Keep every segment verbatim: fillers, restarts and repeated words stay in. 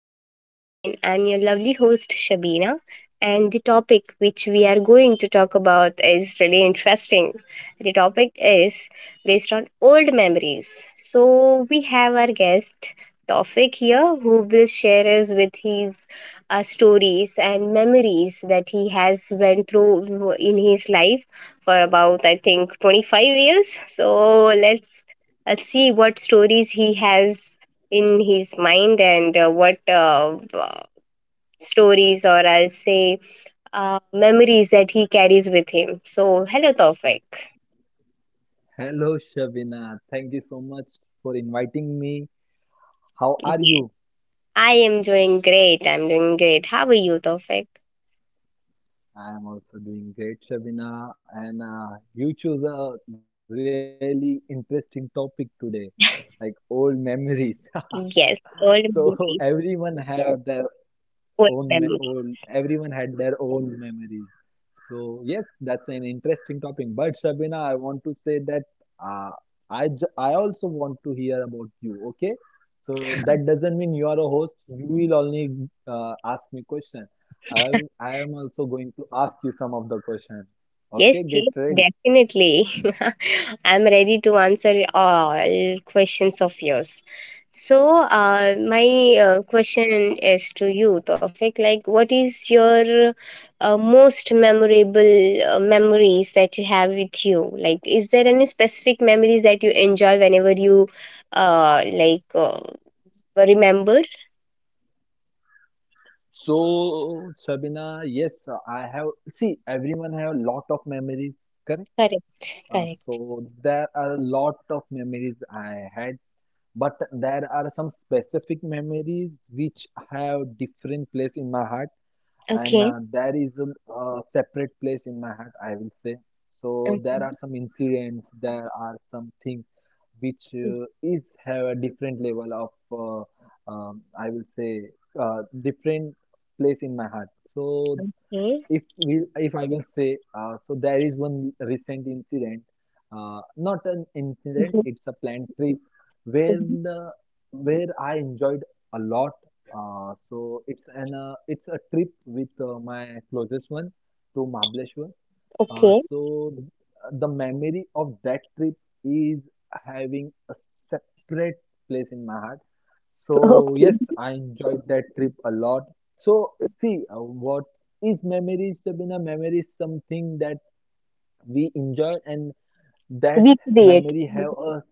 podcast again. I'm your lovely host, Shabina. And the topic which we are going to talk about is really interesting. The topic is based on old memories. So, we have our guest, Tofik, here who will share us with his uh, stories and memories that he has went through in his life for about, I think, 25 years. So, let's let's see what stories he has in his mind and uh, what uh, uh, stories or I'll say uh, memories that he carries with him. So, hello, Tawfiq. Hello, Shabina. Thank you so much for inviting me. How are you? I am doing great. I'm doing great. How are you, Tawfiq? I am also doing great, Shabina. And uh, you chose a really interesting topic today, like old memories. Yes, old So memories. everyone had their Old own, me- old, memories. everyone had their own memories. So yes, that's an interesting topic. But Sabina, I want to say that uh, I j I also want to hear about you. Okay, so that doesn't mean you are a host. You will only uh, ask me question. I I am also going to ask you some of the question. Yes, Okay, get ready. yes, definitely. I'm ready to answer all questions of yours. So, uh, my uh, question is to you, Tofik. Like, what is your uh, most memorable uh, memories that you have with you? Like, is there any specific memories that you enjoy whenever you uh, like uh, remember? So Sabina, yes, I have. See, everyone have a lot of memories, correct? Correct, Uh, correct. So there are a lot of memories I had, but there are some specific memories which have different place in my heart, and Okay. uh, there is a, a separate place in my heart, I will say. So Okay. there are some incidents, there are some things which uh, is have a different level of uh, um, I will say uh, different place in my heart. So Okay. if we, if I will say, uh, so there is one recent incident, uh, not an incident, Mhm. it's a planned trip where Mhm. the, where I enjoyed a lot. Uh, so it's an uh, it's a trip with uh, my closest one to Mahabaleshwar. Uh, Okay. so th- the memory of that trip is having a separate place in my heart. So Okay. yes, I enjoyed that trip a lot. So see, uh, what is memories, Sabina? Memory is something that we enjoy, and that Recreate. memory have a,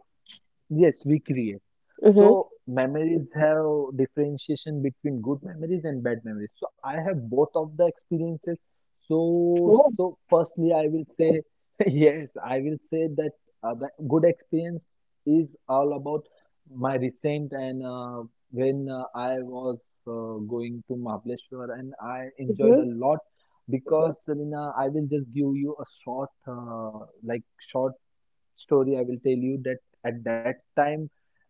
yes, we create. Mm-hmm. So memories have differentiation between good memories and bad memories. So I have both of the experiences. So Oh. so firstly, I will say, yes, I will say that uh, the good experience is all about my recent, and uh, when uh, I was uh, going to Mahabaleshwar and I enjoyed Mm-hmm. a lot because Sarina, I will just give you a short uh, like short story. I will tell you that at that time,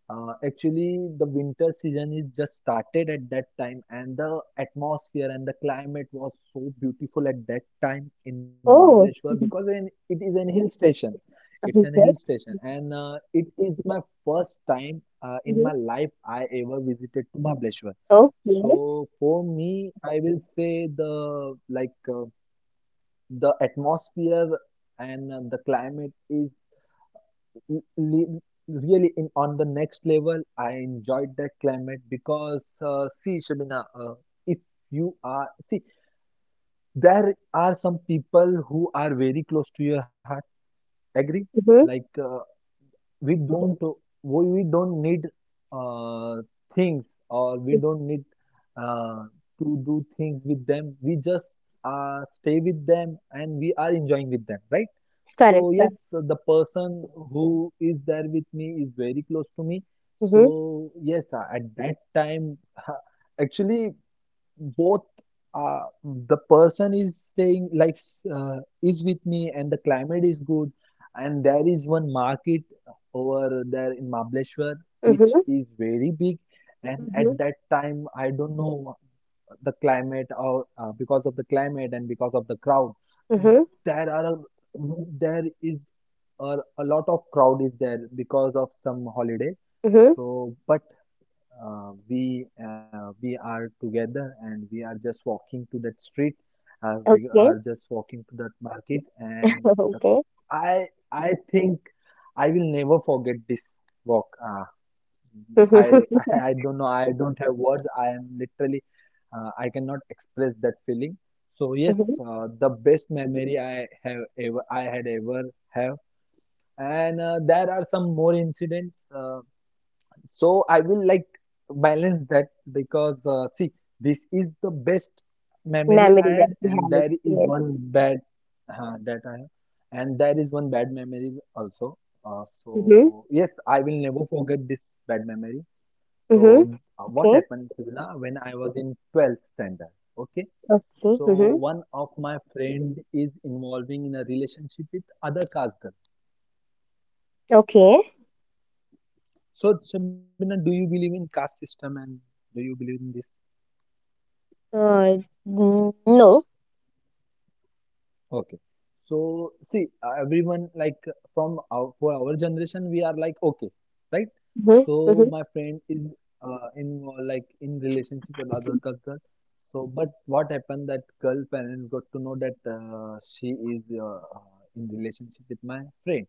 uh, actually the winter season is just started at that time, and the atmosphere and the climate was so beautiful at that time in Oh. Mamaleshwar Mhm. because in, it is an hill station. It's Mhm. an hill Yes. station, and uh, it is my first time uh, in Mm-hmm. my life I ever visited to Mahabaleshwar. Okay. So for me, I will say the like uh, the atmosphere and uh, the climate is l- le- really in on the next level. I enjoyed that climate because uh, see Shabina, uh, if you are, see, there are some people who are very close to your heart, agree, Mm-hmm. like uh, we don't we, we don't need uh, things, or we don't need uh, to do things with them. We just uh, stay with them and we are enjoying with them, right? Correct. So Correct. yes, the person who is there with me is very close to me. Mm-hmm. So yes, uh, at that time, actually both uh, the person is staying like uh, is with me, and the climate is good, and there is one market over there in Mahabaleshwar which Mm-hmm. is very big. And Mm-hmm. at that time, I don't know the climate or uh, because of the climate and because of the crowd, Mm-hmm. there are a, there is a, a lot of crowd is there because of some holiday. Mm-hmm. So but uh, we uh, we are together and we are just walking to that street. Uh, we are Okay. just walking to that market, and the, okay. i i think I will never forget this walk. uh, I, Mm-hmm. I don't know, I don't have words. I am literally uh, I cannot express that feeling. So yes, Mm-hmm. uh, the best memory I have ever, I had, ever have. And uh, there are some more incidents, uh, so I will like balance that. Because uh, see, this is the best memory I Memory had, that you and had. there is Yes. one bad uh, that I have, and there is one bad memory also. Uh, Mm-hmm. So yes, I will never forget this bad memory. Mm-hmm. So uh, what Okay. happened, Sivana, when I was in twelfth standard? Okay, Okay. so Mm-hmm. one of my friend is involving in a relationship with other caste girl. Okay. So Shabina, do you believe in caste system, and do you believe in this? Uh, mm, no. Okay. So see, uh, everyone like uh, from our, for our generation, we are like okay, right? Mm-hmm. So Mm-hmm. my friend is uh, in uh, like in relationship with other cus- girl. So but what happened, that girl parents got to know that uh, she is uh, uh, in relationship with my friend.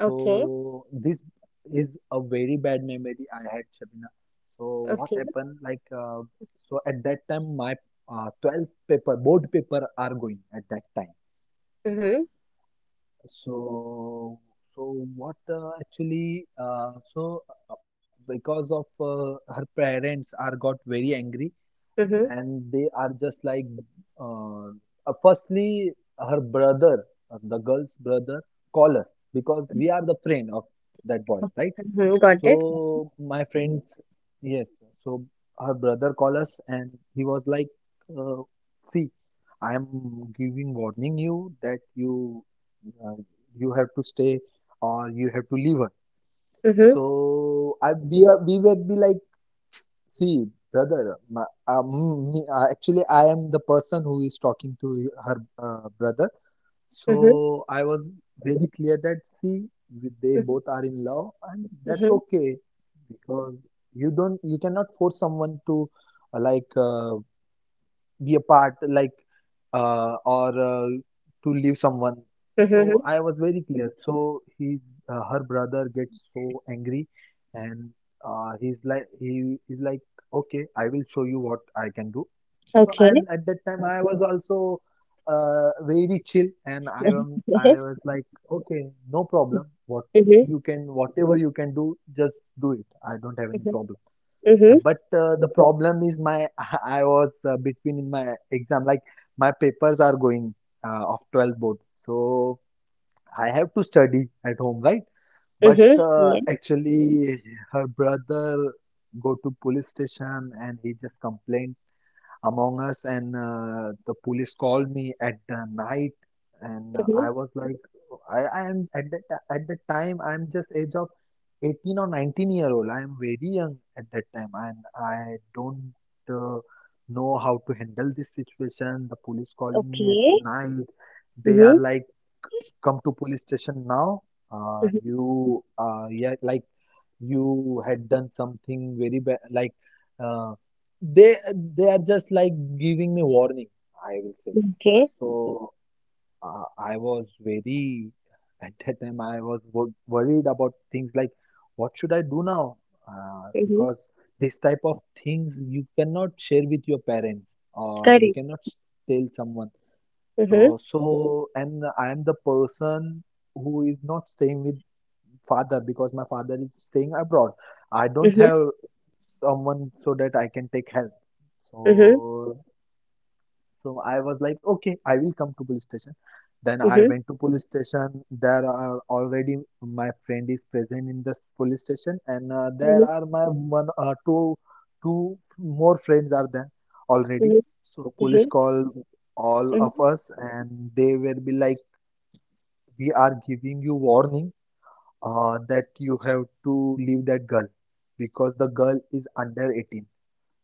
Okay. this is a very bad memory I had, Shabina. So what Okay. happened? Like uh, so at that time, my uh, twelve paper board paper are going at that time. Mm-hmm. So, so what uh, actually? Uh, so uh, because of uh, her parents are got very angry, Mm-hmm. and they are just like, uh, uh, firstly, her brother, uh, the girl's brother, call us because we are the friend of that boy, right? Mm-hmm. Got So it. my friends, yes. So her brother called us and he was like, uh, "See, I am giving warning you that you uh, you have to stay or you have to leave her." Mm-hmm. So I we are- we were be like, "See, brother, my, um, me, uh, actually I am the person who is talking to her uh, brother." So Mm-hmm. I was really clear that, see, we- they Mm-hmm. both are in love, and that's Mm-hmm. okay because you don't, you cannot force someone to uh, like uh, be a part, like uh, or uh, to leave someone. So Mm-hmm. I was very clear. So he's uh, her brother gets so angry, and uh, he's like he is like, okay, I will show you what I can do. So Okay. and at that time, I was also uh, very chill, and I am I Yes. was like, okay, no problem, what Mhm. you can, whatever you can do, just do it, I don't have any Mhm. problem. Mhm. And but uh, the problem is my, I was uh, between in my exam, like my papers are going uh, of twelve board. So I have to study at home, right? But Mhm. uh, Yes. actually her brother go to police station and he just complained among Us, and uh, the police called me at the night, and uh, Mhm. I was like, I, I am at that ti- at that time, I'm just age of eighteen or nineteen year old. I am very young at that time, and I don't uh, know how to handle this situation. The police calling me at the Okay. night, they are Mhm. like, come to police station now, uh, Mhm. you uh, yeah, like, you had done something very bad, like uh, they they are just like giving me warning, I will say. Okay. So uh, I was very, at that time I was wo- worried about things, like, what should I do now? uh, Mhm. Because this type of things you cannot share with your parents, or you Correct. cannot s- tell someone. Mhm. So, so, and I am the person who is not staying with father, because my father is staying abroad. I don't Mhm. have someone so that I can take help. Mhm. So, so I was like, okay, I will come to police station. Then I Mhm. went to police station. There are already my friend is present in the police station, and uh, there Mhm. are my one uh, two two more friends are there already. Mhm. So police Mhm. call all Mhm. of us, and they will be like, we are giving you warning uh, that you have to leave that girl, because the girl is under eighteen.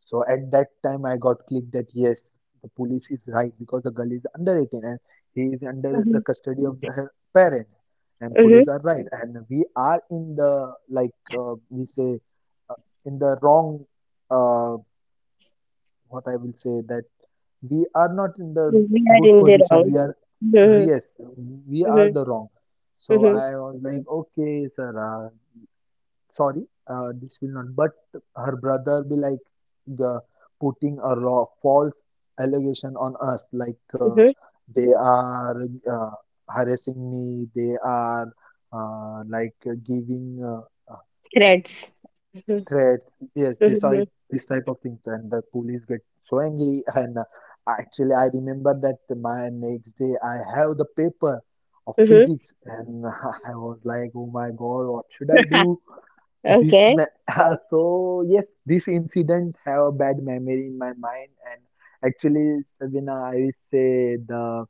So at that time, I got clicked that yes, the police is right because the girl is under eighteen, and he is under the Mhm. custody of the, her parents, and Mhm. police are right. And we are in the like uh, we say uh, in the wrong, uh, what I will say, that we are not in the We are good in the position. wrong. We are, Mhm. yes, we are Mhm. the wrong. So Mhm. I was like, okay, sir, uh, sorry, uh, this will not. But her brother be like the, putting a raw false allegation on us, like uh, Mhm. they are uh, harassing me, they are uh, like uh, giving, uh, Threads. Mhm. threats, yes, this I Mhm. this type of things. And the police get so angry, and uh, actually, I remember that my next day I have the paper of Mhm. physics, and I was like, oh my god, what should I do, this Okay. ma, so yes, this incident have a bad memory in my mind. And actually, Sabina, I will say the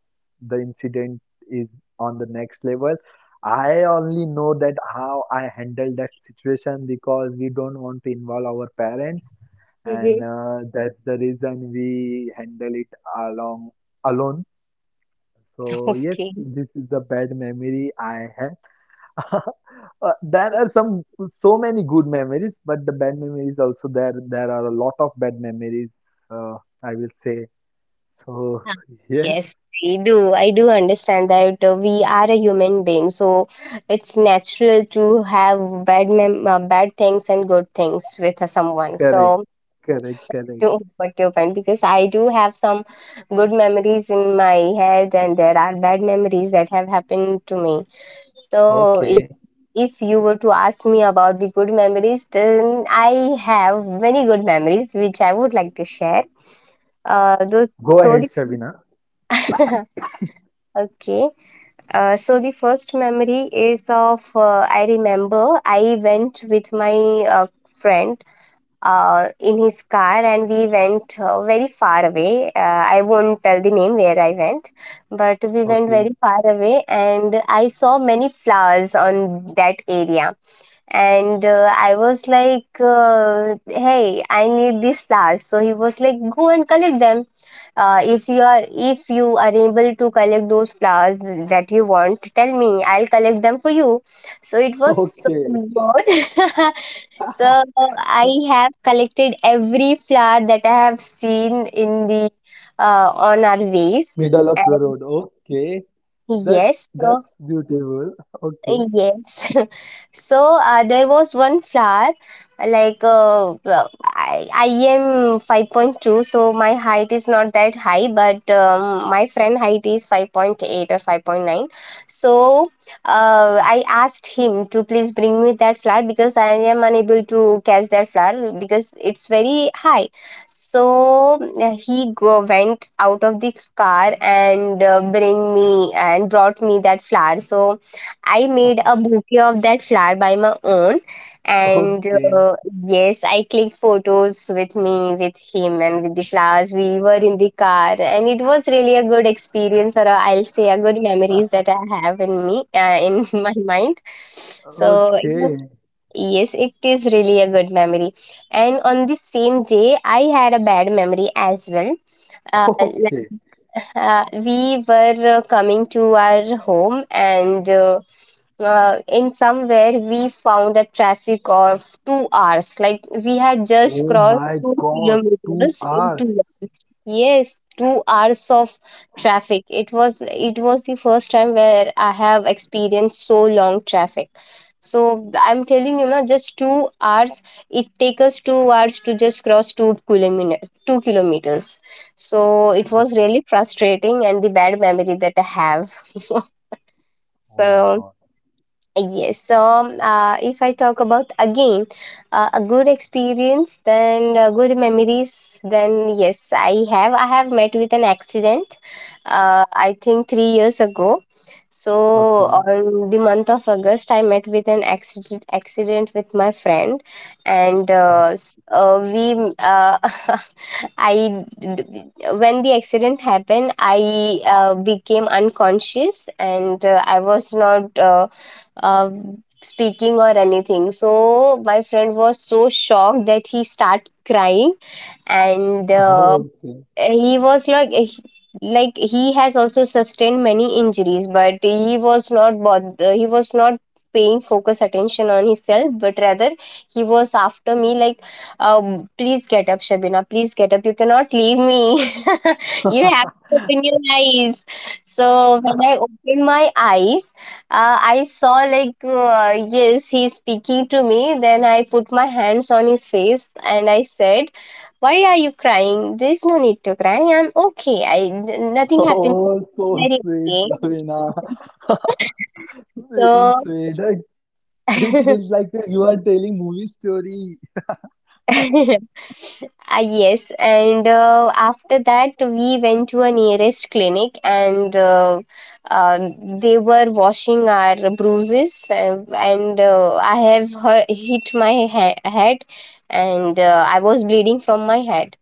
the incident is on the next level. I only know that how I handled that situation, because we don't want to involve our parents, and Mhm. uh, that's the reason we handle it along alone. So Okay. yes, this is the bad memory I had. Uh, there are some so many good memories, but the bad memories also there. There are a lot of bad memories, uh, I will say. So Ah, yes, yes, I do. I do understand that uh, we are a human being, so it's natural to have bad mem uh, bad things and good things with uh, someone. correct, So correct, I correct. do what your point because I do have some good memories in my head, and there are bad memories that have happened to me. So if Okay, if you were to ask me about the good memories, then I have many good memories which I would like to share. Uh, though, go so ahead, the Shabina. okay. Uh, so the first memory is of uh, I remember I went with my uh, friend uh, in his car and we went uh, very far away. Uh, I won't tell the name where I went, but we went Okay, very far away and I saw many flowers on that area and uh, I was like uh, hey, I need these flowers. So he was like, go and collect them. Uh, if you are, if you are able to collect those flowers that you want, tell me, I'll collect them for you. So it was so okay, good. So I have collected every flower that I have seen in the uh, on our ways. middle of the And road. Okay, that's yes, so. that's beautiful. Yes. So uh, there was one flower like uh, well, I, I am five point two, so my height is not that high, but um, my friend height is five point eight or five point nine. So uh, I asked him to please bring me that flower because I am unable to catch that flower because it's very high. So uh, he go, went out of the car and uh, bring me and brought me that flower. So I made a bouquet of that flower by my own, Okay, and okay, uh, yes, I clicked photos with me, with him, and with the flowers. We were in the car, and it was really a good experience, or i I'll say a good memories that I have in me, uh, in my mind. So it was- okay, yes, it is really a good memory. And on the same day, I had a bad memory as well. Uh, like, okay. uh, we were uh, coming to our home, and. Uh, uh, in somewhere we found a traffic of two hours. Like we had just Oh crossed my two God, two kilometers in two hours. hours. Yes, two hours of traffic. It was it was the first time where I have experienced so long traffic. So I'm telling you, now just two hours. It takes us two hours to just cross two kilometer two kilometers. So it was Okay, really frustrating and the bad memory that I have. oh my So God. yes, so um, uh, if I talk about again uh, a good experience, then uh, good memories, then yes, I have I have met with an accident. Uh, I think three years ago. So Okay. on the month of August, I met with an accident accident with my friend, and uh, s- uh, we uh, I, when the accident happened, I uh, became unconscious and uh, I was not. Uh, uh, Speaking or anything. So my friend was so shocked that he started crying, and uh, he was like he- like he has also sustained many injuries, but he was not bother, he was not paying focus attention on himself, but rather he was after me like, um, please get up, Shabina, please get up, you cannot leave me, Uh, you have to open your eyes. So when I opened my eyes, uh, I saw like uh, yes, he's speaking to me. Then I put my hands on his face and I said, why are you crying? There's no need to cry. I'm okay. I n- nothing happened. Oh, so Very sweet, okay. Ravina. So It's sweet. Like, it feels like you are telling movie story. uh, yes, and uh, after that we went to a nearest clinic, and uh, uh, they were washing our bruises, uh, and uh, I have hu- hit my he- head, and uh, I was bleeding from my head.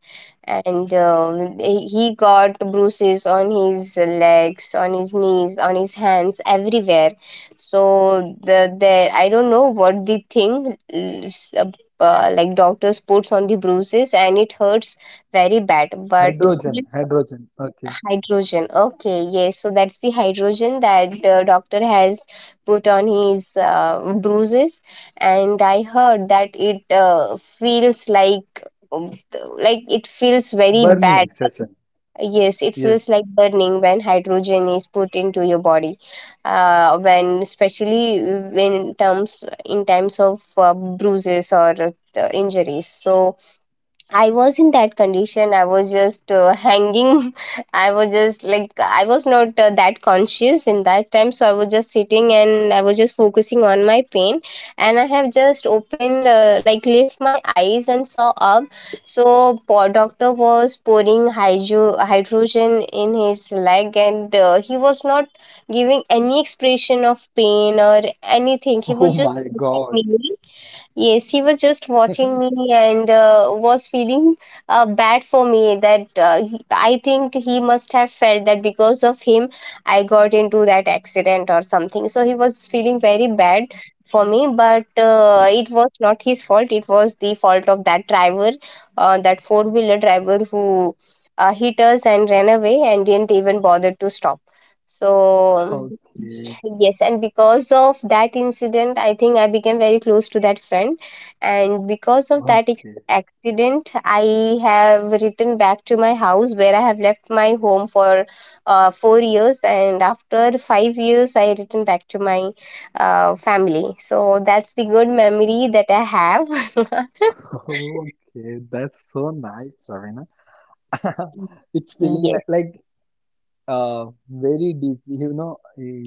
And um, he he got bruises on his legs, on his knees, on his hands, everywhere. So the there, I don't know what the thing uh, s- uh, like doctors puts on the bruises and it hurts very bad, but Hydrogen, still. hydrogen. Okay. Hydrogen. Okay, yes. So that's the hydrogen that uh, doctor has put on his uh, bruises, and I heard that it uh, feels like um, like it feels very bad. Burning session. Yes, it Yes. feels like burning when hydrogen is put into your body. Uh, when, especially when, in terms, in times of uh, bruises or uh, injuries. So I was in that condition. I was just uh, hanging. I was just like, I was not uh, that conscious in that time. So I was just sitting and I was just focusing on my pain. And I have just opened, uh, like, lift my eyes and saw up. So po- doctor was pouring hydro- hydrogen in his leg and uh, he was not giving any expression of pain or Oh anything. He was my just God. looking at me. Yes, he was just watching me and uh, was feeling uh, bad for me. That uh, he- I think he must have felt that because of him, I got into that accident or something. So he was feeling very bad for me, but uh, it was not his fault. It was the fault of that driver, uh, that four wheeler driver who uh, hit us and ran away and didn't even bother to stop. So Okay. yes, and because of that incident, I think I became very close to that friend. And because of that ex- Okay. accident, I have returned back to my house where I have left my home for uh, four years. And after five years, I returned back to my uh, family. So that's the good memory that I have. Okay. That's so nice, Ravina. It's feeling Yes. like, like uh very deep. You know,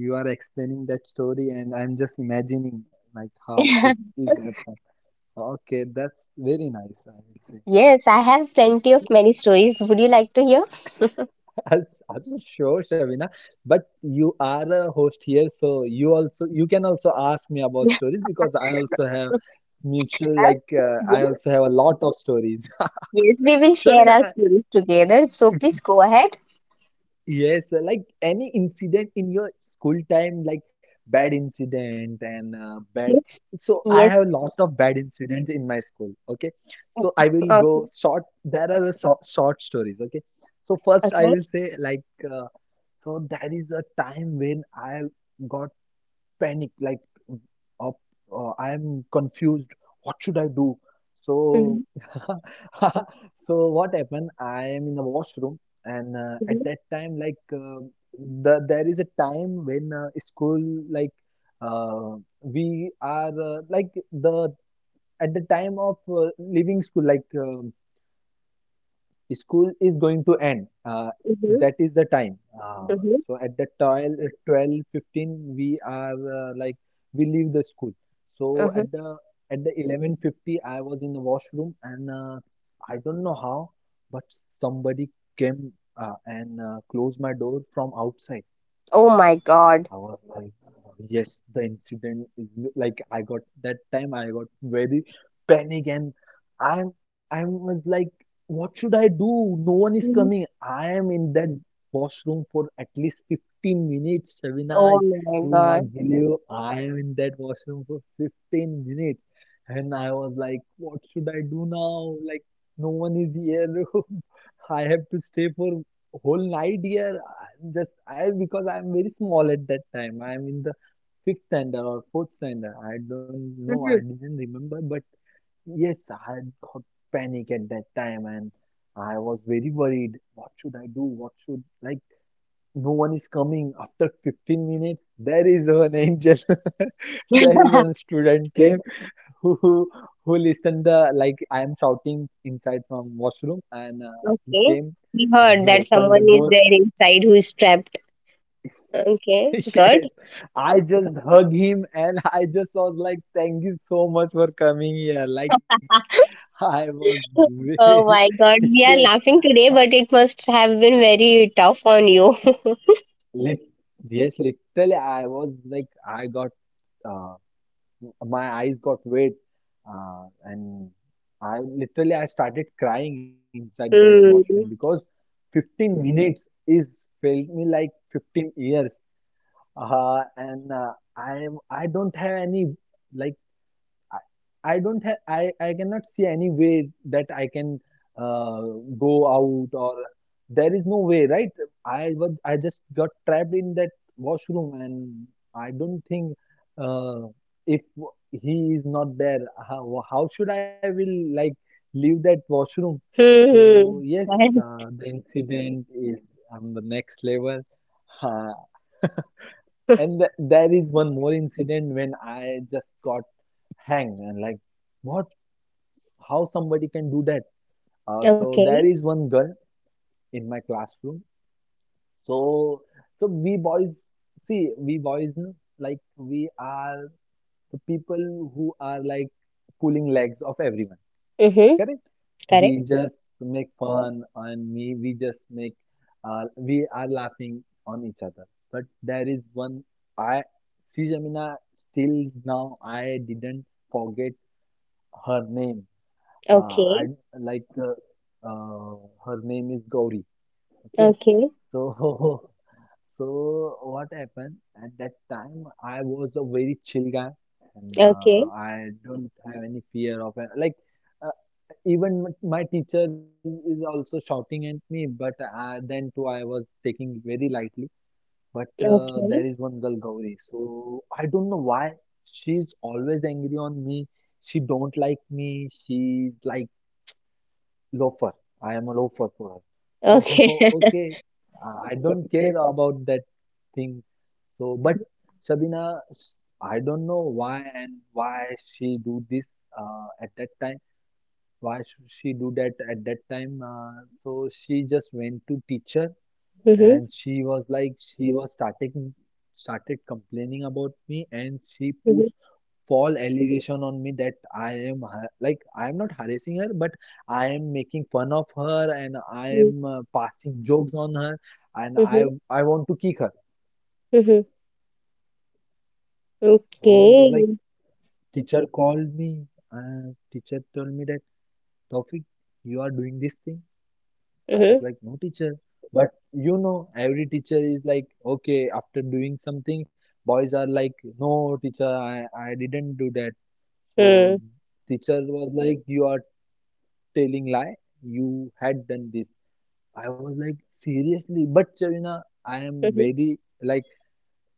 you are explaining that story, and I'm just imagining like how it is happened. Okay, that's very nice, I will say. Yes, I have plenty of many stories. Would you like to hear? As, as sure, Shavina. But you are a host here, so you also you can also ask me about stories because I also have mutual, like uh, I Yes. also have a lot of stories. Yes, we will share Shavina, our queries together. So please go ahead. yes, uh, like any incident in your school time, like bad incident and uh, bad. Yes. So I Yes. have a lot of bad incidents in my school. Okay, so I will Okay. go short. There are the short, short stories. Okay, so first I Okay. will say, like uh, so there is a time when I got panic, like up uh, I am confused, what should I do? So Mhm, so what happened? I am in the washroom, and uh, at mhm, that time, like uh, the, there is a time when uh, school, like uh, we are, uh, like the at the time of uh, leaving school, like uh, school is going to end, uh, mhm, that is the time. uh, mhm, So at the twelve fifteen, we are, uh, like we leave the school. So mhm. at the at the eleven fifty I was in the washroom, and uh, I don't know how, but somebody came, uh, and uh, closed my door from outside. Oh my God. I was like, uh, yes, the incident is, like, I got, that time I got very panic, and I I was like, what should I do? No one is Mhm. coming. I am in that washroom for at least fifteen minutes, Shavina. Oh You my will God. not believe, I am in that washroom for fifteen minutes. And I was like, what should I do now? Like, no one is here. I have to stay for whole night here. I- just I Because I'm very small at that time, I'm in the fifth standard or fourth standard, I don't know, I Mhm. didn't remember, but yes, I got panic at that time, and I was very worried, what should I do, what should like no one is coming. After fifteen minutes, there is an angel. There is one student, yeah, came, who who who listened, the, like, I am shouting inside from washroom, and uh, he Okay. came, We and heard he that opened the someone is door. there inside who is trapped. Okay. Good. Yes, I just hug him, and I just was like, thank you so much for coming here. Like, I was very, Oh my God. yes, We are uh, laughing today, but it must have been very tough on you. lit yes, literally, I was like, I got, uh, my eyes got wet, uh, and I literally, I started crying inside that washroom Hmm. because fifteen minutes is felt me like fifteen years. Uh, and uh, I, I don't have any, like, I, I don't have, I, I cannot see any way that I can uh, go out, or there is no way, right? I was I just got trapped in that washroom, and I don't think, uh, if he is not there, how, how should I will like leave that washroom. Hmm. So yes, Hmm. uh, the incident is on the next level. uh, and th- there is one more incident when I just got hang, and like, what, how somebody can do that? Uh, Okay. so there is one girl in my classroom. So so we boys, see, we boys, no, like we are the people who are like pulling legs of everyone. Mm-hmm. Correct? Correct. We, mhm, just make fun, and we we just make, uh, we are laughing on each other. But there is one, I see, Jamina, still now I didn't forget her name. Uh, Okay, I like uh, uh, Her name is Gauri. Okay, okay, so so what happened at that time? I was a very chill guy, and uh, okay, I don't have any fear of it. Like uh, Even m- my teacher is also shouting at me, but uh, then too I was taking it very lightly. But uh, okay, there is one girl, Gauri, so I don't know why she's always angry on me. She don't like me. She's like, loafer. I am a loafer for her. So, okay. okay, uh, I don't care about that thing. So, but Sabina, s- I don't know why and why she do this uh, at that time. Why should she do that at that time? Uh, so she just went to teacher, Mhm, and she was like she was starting started complaining about me, and she put mhm, false allegation on me that I am har- like I am not harassing her, but I am making fun of her, and I mm, am uh, passing jokes on her, and I mhm, I want to kick her. mhm. So, like, Okay. teacher called me, and teacher told me that, Taufik, you are doing this thing. I was Mhm, like, no teacher. But you know, every teacher is like, okay, after doing something, boys are like, no teacher, I, I didn't do that. So mm, teacher was like, you are telling lie. You had done this. I was like, seriously. But Shabina, I am mhm, very, like,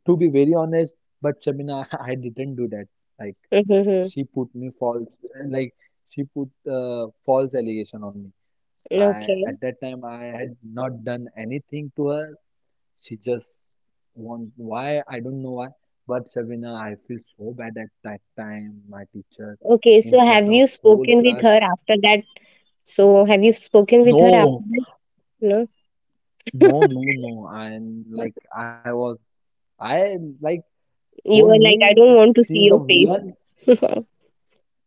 to be very honest. But Shabina, I didn't do that. Like mhm, mhm. she put me false, like she put uh, false allegation on me. I Okay, At that time, I had not done anything to her. She just want, why, I don't know why, but Shabina, I feel so bad at that time. My teacher, okay. in So front have of you whole spoken with class. her after that? So have you spoken with her after No, that? No. no, no, no. And, like, I was, I, like, for You were like, me I don't want to she's a see your villain. face.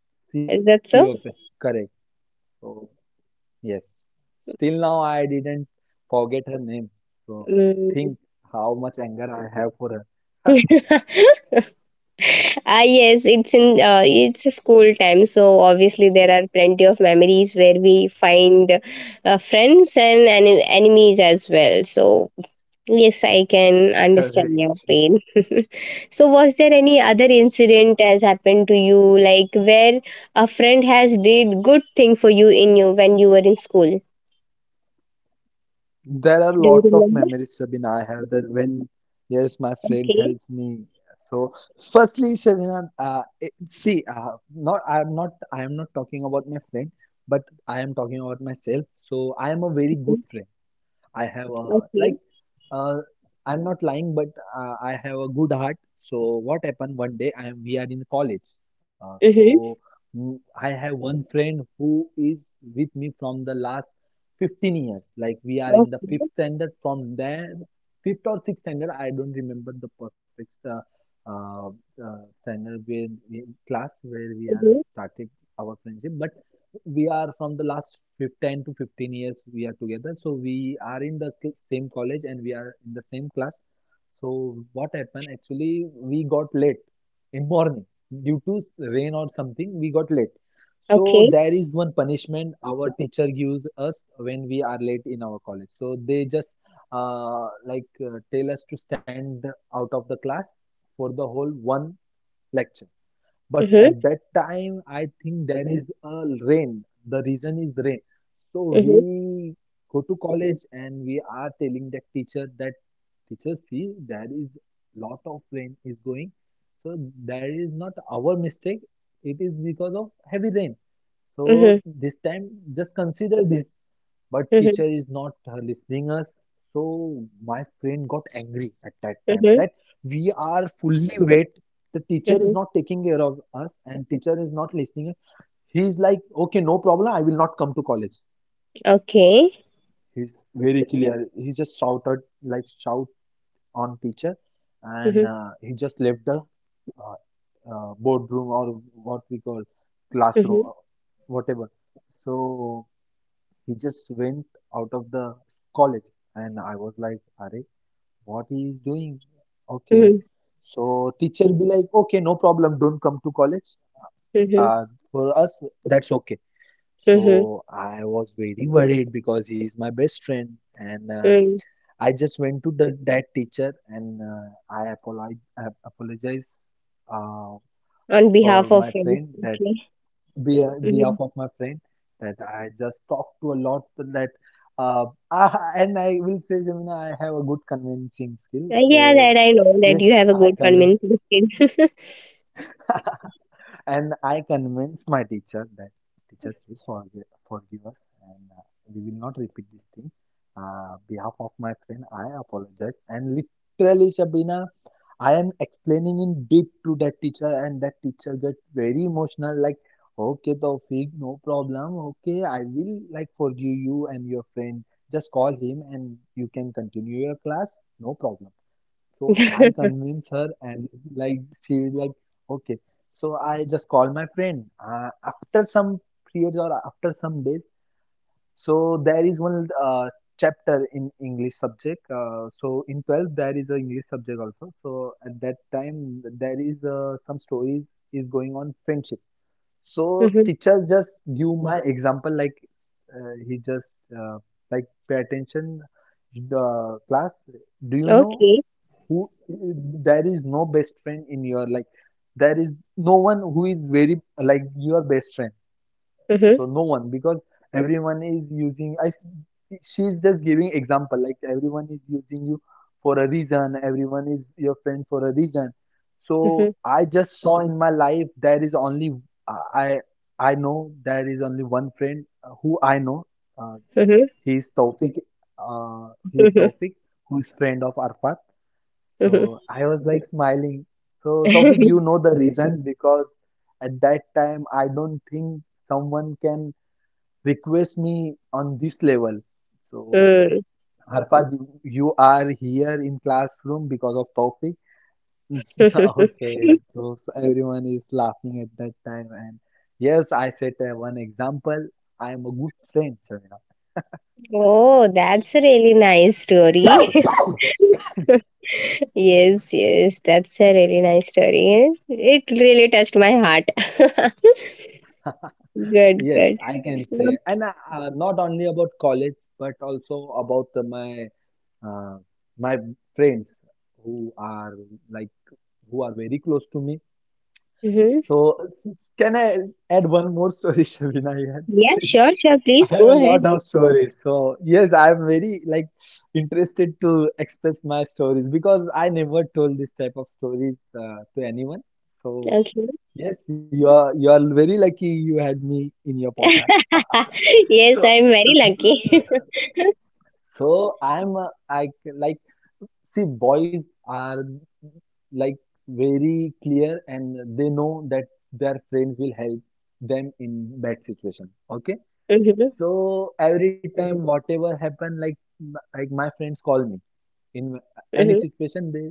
She, okay, Is that so? correct. So yes, still now I didn't forget her name. So think Mm. how much anger I have for her. Ah, yes, it's in uh, it's a school time, so obviously there are plenty of memories where we find uh, friends and en- enemies as well. So yes, I can understand your Correct. pain. So was there any other incident has happened to you, like where a friend has did good thing for you in you when you were in school? There are a Do lot you of remember? memories, Sabina, I have that, when yes, my friend Okay. helps me. So, firstly, Sabina, uh, it, see, uh, not I'm not I am not talking about my friend, but I am talking about myself. So, I am a very good friend. I have a, like, Okay. uh, I'm not lying, but uh, I have a good heart. So what happened one day? I am We are in college. Uh, so Mm-hmm. mm, I have one friend who is with me from the last fifteen years. Like we are in the fifth Okay. standard from there, fifth or sixth standard. I don't remember the perfect uh, uh, uh, standard where we, class where we are Mm-hmm. started our friendship, but we are from the last ten to fifteen years we are together, so we are in the same college, and we are in the same class. So what happened, actually we got late in morning due to rain or something, we got late. So Okay. there is one punishment our teacher gives us when we are late in our college, so they just uh, like uh, tell us to stand out of the class for the whole one lecture. But at Mm-hmm. that time, I think there is a rain. The reason is rain. So Mm-hmm. we go to college, and we are telling that teacher that, teacher, see, there is lot of rain is going. So that is not our mistake. It is because of heavy rain. So this time, just consider this. But teacher Mm-hmm. is not uh, listening us. So my friend got angry at that time that we are fully wet, the teacher is Mm-hmm. not taking care of us, and teacher is not listening. He's like, okay, no problem, I will not come to college. Okay. He's very clear. He just shouted, like, shout on teacher. And Mhm, uh, he just left the uh, uh, boardroom, or what we call classroom, mhm, uh, whatever. So he just went out of the college, and I was like, are, what he is doing? Okay. mhm, So teacher be like, okay, no problem, don't come to college, mhm, uh, for us that's okay. So mhm, I was very worried because he's my best friend. And uh, mm. I just went to the, that teacher, and uh, i apologize I apologize, uh, On for behalf of my him. friend, that, Okay. be behalf Mhm. of my friend, that I just talked to a lot, that uh, I, and I will say, Jamina, I have a good convincing skill. Uh, so yeah, that I know that yes, you have a I good convince. convincing skill. And I convinced my teacher that, teacher, please forgive, forgive us, and uh, we will not repeat this thing. Uh, behalf of my friend, I apologize. And literally, Shabina, I am explaining in deep to that teacher, and that teacher get very emotional. Like, okay, Taufik, no problem. Okay, I will like forgive you and your friend. Just call him, and you can continue your class. No problem. So I convince her, and like she was like, okay. So I just call my friend. Uh, after some periods or after some days, so there is one uh, chapter in English subject. Uh, so in twelfth there is a English subject also. So at that time there is uh, some stories is going on friendship. So Mhm. teacher just give my example like uh, he just uh, like pay attention the class. Do you know? Okay. Who There is no best friend in your life, there is no one who is very like your best friend, Mhm, so no one, because everyone is using I she's just giving example like everyone is using you for a reason, everyone is your friend for a reason. So mhm, I just saw in my life there is only i i know there is only one friend uh, who I know. uh, mhm, he is taufik uh, he is mhm, Taufik who is friend of Arfat. mhm. So I was like smiling. So Taufik, you know the reason because at that time I don't think someone can request me on this level. So Mm. Harfad, you you are here in classroom because of Taufik. Okay, so, so everyone is laughing at that time, and yes, I set uh, one example. I am a good friend, Shamina. Oh, that's a really nice story. Yes, yes, that's a really nice story. It really touched my heart. Good, Yes, good. I can So, say, and uh, uh, not only about college, but also about uh, my uh, my friends who are like who are very close to me. So s- can I add one more story, Shabina? Yeah, Yeah, please. sure, sure. I Please have a go lot ahead. of stories. So yes, I'm very like interested to express my stories because I never told this type of stories uh, to anyone. So Okay. yes, you are you are very lucky you had me in your podcast. Yes, I'm So very lucky. so I'm uh, I c- like see, boys are like very clear and they know that their friends will help them in bad situation. Okay. Mm-hmm, So every time whatever happen, like like my friends call me in mm-hmm, any situation, they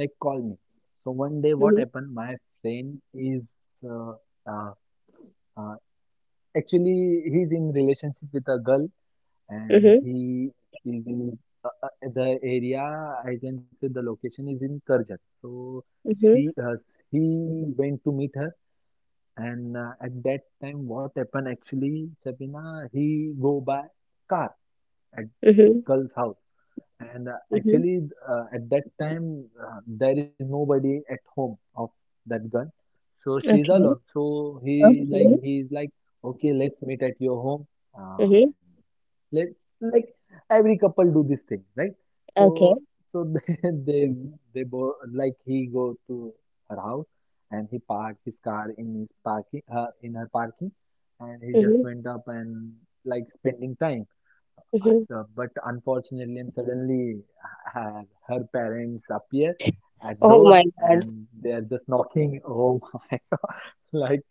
like call me. So one day what mm-hmm, happened, my friend is uh, uh, uh, actually he's in relationship with a girl, and mm-hmm, he is in uh, uh, the area, I can say the location is in Karjat. So she mm-hmm, uh, he went to meet her, and uh, at that time, what happened actually, Sabina, he go by car at mm-hmm, girl's house. And uh, mm-hmm. actually, uh, at that time, uh, there is nobody at home of that girl, so she's Okay. alone. So he like Okay. he's like, okay, let's meet at your home, uh, Mm-hmm. and let's like every couple do this thing, right? Okay. So so they they they bo like he go to her house, and he park his car in his parking her in her parking, and he just Mm-hmm, went up and like spending time. mm-hmm. So, but unfortunately, and suddenly her, her parents appear at Oh door, my God. and they are just knocking. Oh my! God, like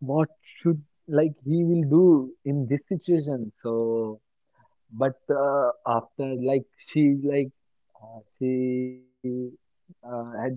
what should like he will do in this situation? So but uh, after like she's like uh, she uh, had done that.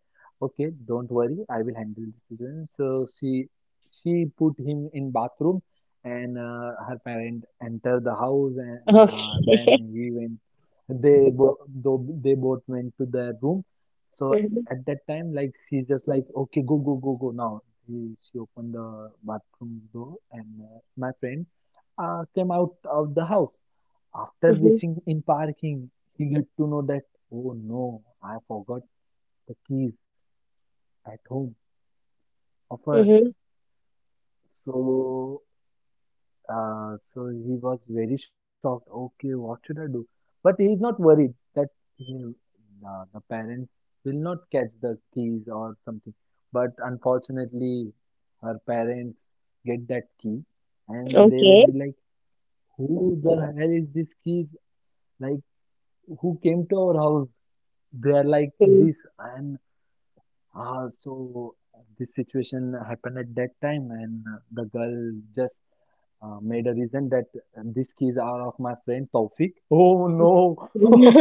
Okay, don't worry, I will handle the situation. So she she put him in bathroom, and uh, her parent entered the house, and uh, then Okay. he went. They bo though they both went to their room. So Mm-hmm, at that time, like she's just like, okay, go go go go now. She, she opened the bathroom door, and uh, my friend uh, came out of the house. After mm-hmm, reaching in parking, he get to know that, oh no, I forgot the keys at home of her. mm-hmm. So, uh, so he was very shocked. Okay, what should I do? But he is not worried that he, uh, the parents will not catch the keys or something. But unfortunately, her parents get that key, and they will Okay. be like, "Who the hell is this keys? Like, who came to our house?" They are like Mm. this, and uh, so this situation happened at that time, and uh, the girl just uh, made a reason that uh, these keys are of my friend Taufik. Oh no,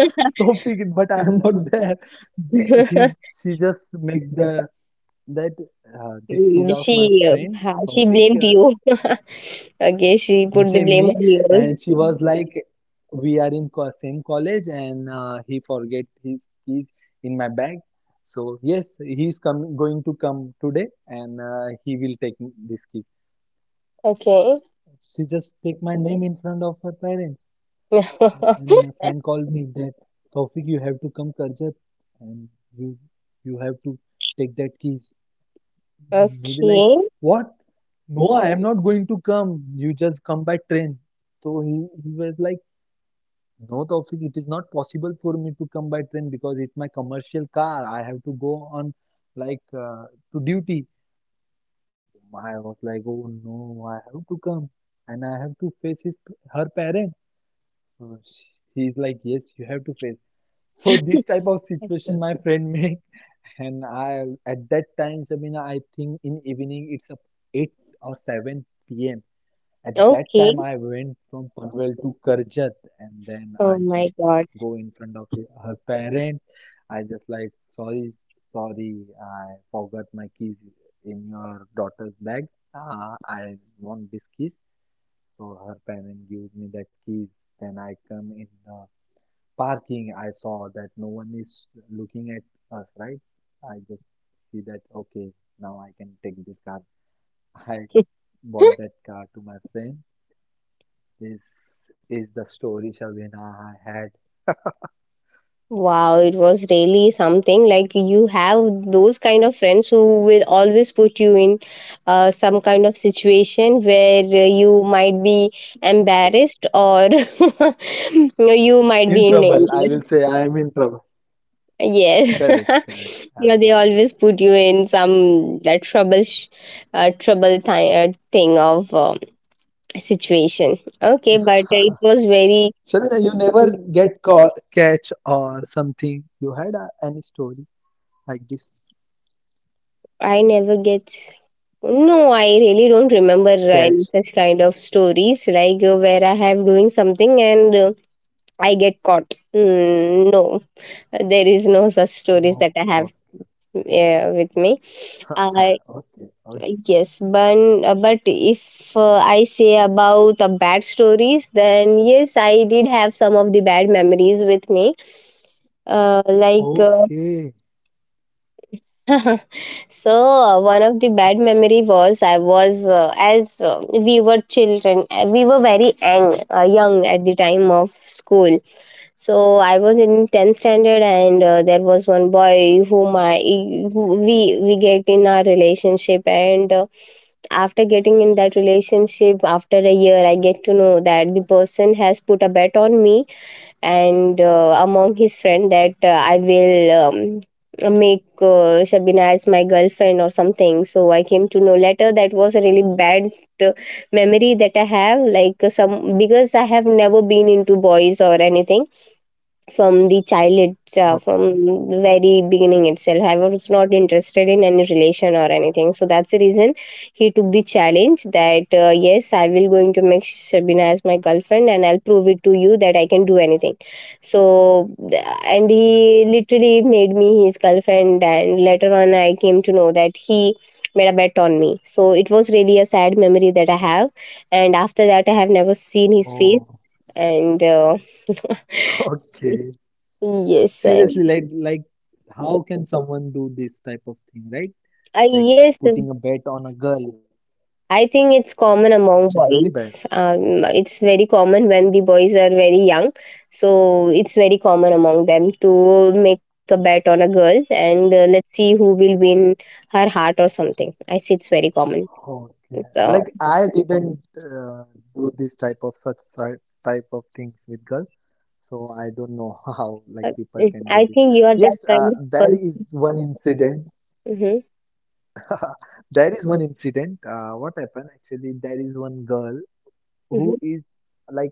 Taufik, but I am not there. She she just make the that uh, these Mm, keys are of she my uh, friend ha- she Taufik. blamed Uh, you. Okay, she put the Blame blame me. on And you. she was like, we are in co- same college, and uh, he forget his keys in my bag, so yes, he's come going to come today, and uh, he will take this keys. Okay. She just take my name in front of her parents, and my friend called me that Taufik, you have to come Karjat, and you you have to take that keys. Maybe like Okay. what? No, I am not going to come, you just come by train. So he, he was like, No, Taufik, it is not possible for me to come by train because it's my commercial car. I have to go on like uh, to duty. I was like, oh no, I have to come, and I have to face his her parent. Uh, He's like, yes, you have to face. So this type of situation my friend make, and I at that time, Sabina, I think in evening it's up eight or seven p m. At that Okay. time, I went from Panvel to Karjat, and then I Oh my just God. go in front of his- her parents. I just like, sorry, sorry, I forgot my keys in your daughter's bag. Uh, I want this keys. So her parent gives me that keys. Then I come in the parking. I saw that no one is looking at us, right? I just see that, okay, now I can take this car. I bought that car to my friend. This is the story, Shabina. I had Wow, it was really something. Like, you have those kind of friends who will always put you in uh, some kind of situation where uh, you might be embarrassed, or you might be in in trouble. I danger. will say I am in trouble. Yes, Correct, correct. yeah, I they was. always put you in some that trouble, sh- uh, trouble th- uh, thing of um situation. Okay, but it was very. Shabina, you never get caught, catch or something. You had uh, any story like this? I never get No, I really don't remember uh, any Catch? such kind of stories like uh, where I have doing something and uh, I get caught. Mm, no, there is no such stories that No. I have Okay. uh, with me. I Okay. Okay. Yes, but uh, but if uh, I say about the bad stories, then yes, I did have some of the bad memories with me. Uh, like uh, Okay. So uh, one of the bad memory was I was uh, as uh, we were children, uh, we were very ang- uh, young at the time of school. So I was in tenth standard, and uh, there was one boy whom I who we we get in our relationship, and uh, after getting in that relationship after a year, I get to know that the person has put a bet on me, and uh, among his friend that uh, I will um, make uh, Shabina as my girlfriend or something. So I came to know later that was a really bad uh, memory that I have, like uh, some, because I have never been into boys or anything from the childhood, uh, from very beginning itself. I was not interested in any relation or anything. So that's the reason he took the challenge that, uh, yes, I will going to make Shabina as my girlfriend, and I'll prove it to you that I can do anything. So, th- and he literally made me his girlfriend. And later on, I came to know that he made a bet on me. So it was really a sad memory that I have. And after that, I have never seen his Oh. face. And uh, Okay. yes, Seriously, like like how can someone do this type of thing, right? Uh, Like yes, putting a bet on a girl, I think it's common among which is very bad. boys. Um, it's very common when the boys are very young. So it's very common among them to make a bet on a girl, and uh, let's see who will win her heart or something. I see, it's very common. Okay. So Like I didn't uh, do this type of such si- type of things with girls, so I don't know how like uh, people it, can do I this. think you are that Yes, uh, kind of there person. is one incident. Mm-hmm, There is one incident. Uh, what happened actually? There is one girl who mm-hmm, is like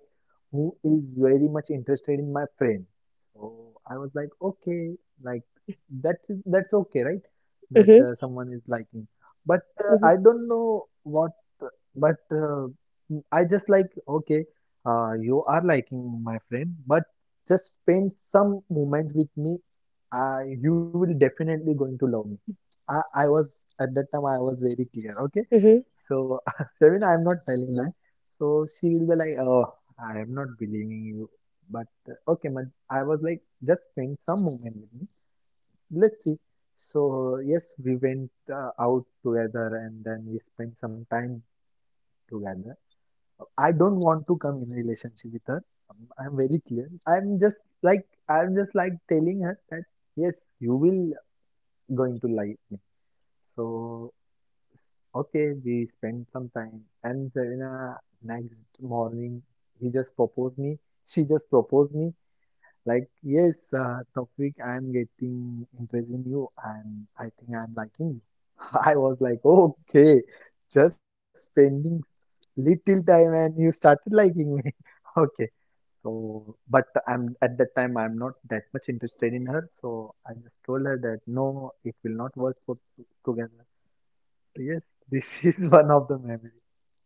who is very much interested in my friend. So I was like, okay, like that's that's okay, right? That mm-hmm, uh, someone is liking, but uh, mm-hmm. I don't know what. But uh, I just like okay, uh, you are liking my friend, but just spend some moment with me. Uh, you will definitely going to love me. I, I was at that time I was very clear. Okay, Mm-hmm. so Seven, I'm not telling lie. So she will be like, oh, I am not believing you. But uh, okay, man. I was like, just spend some moment with me. Let's see. So yes, we went uh, out together, and then we spent some time together. I don't want to come in relationship with her. i I'm very clear. I'm just like I'm just like telling her that yes, you will going to like me. So s- okay, we spent some time, and Zarina, next morning he just proposed me. She just proposed me like, yes, uh, Taufik, I'm getting interested in you, and I think I'm liking you. I was like, okay, just spending s- little time, and you started liking me. Okay, so but I'm at that time I'm not that much interested in her, so I just told her that no, it will not work for together. Yes, this is one of the memory,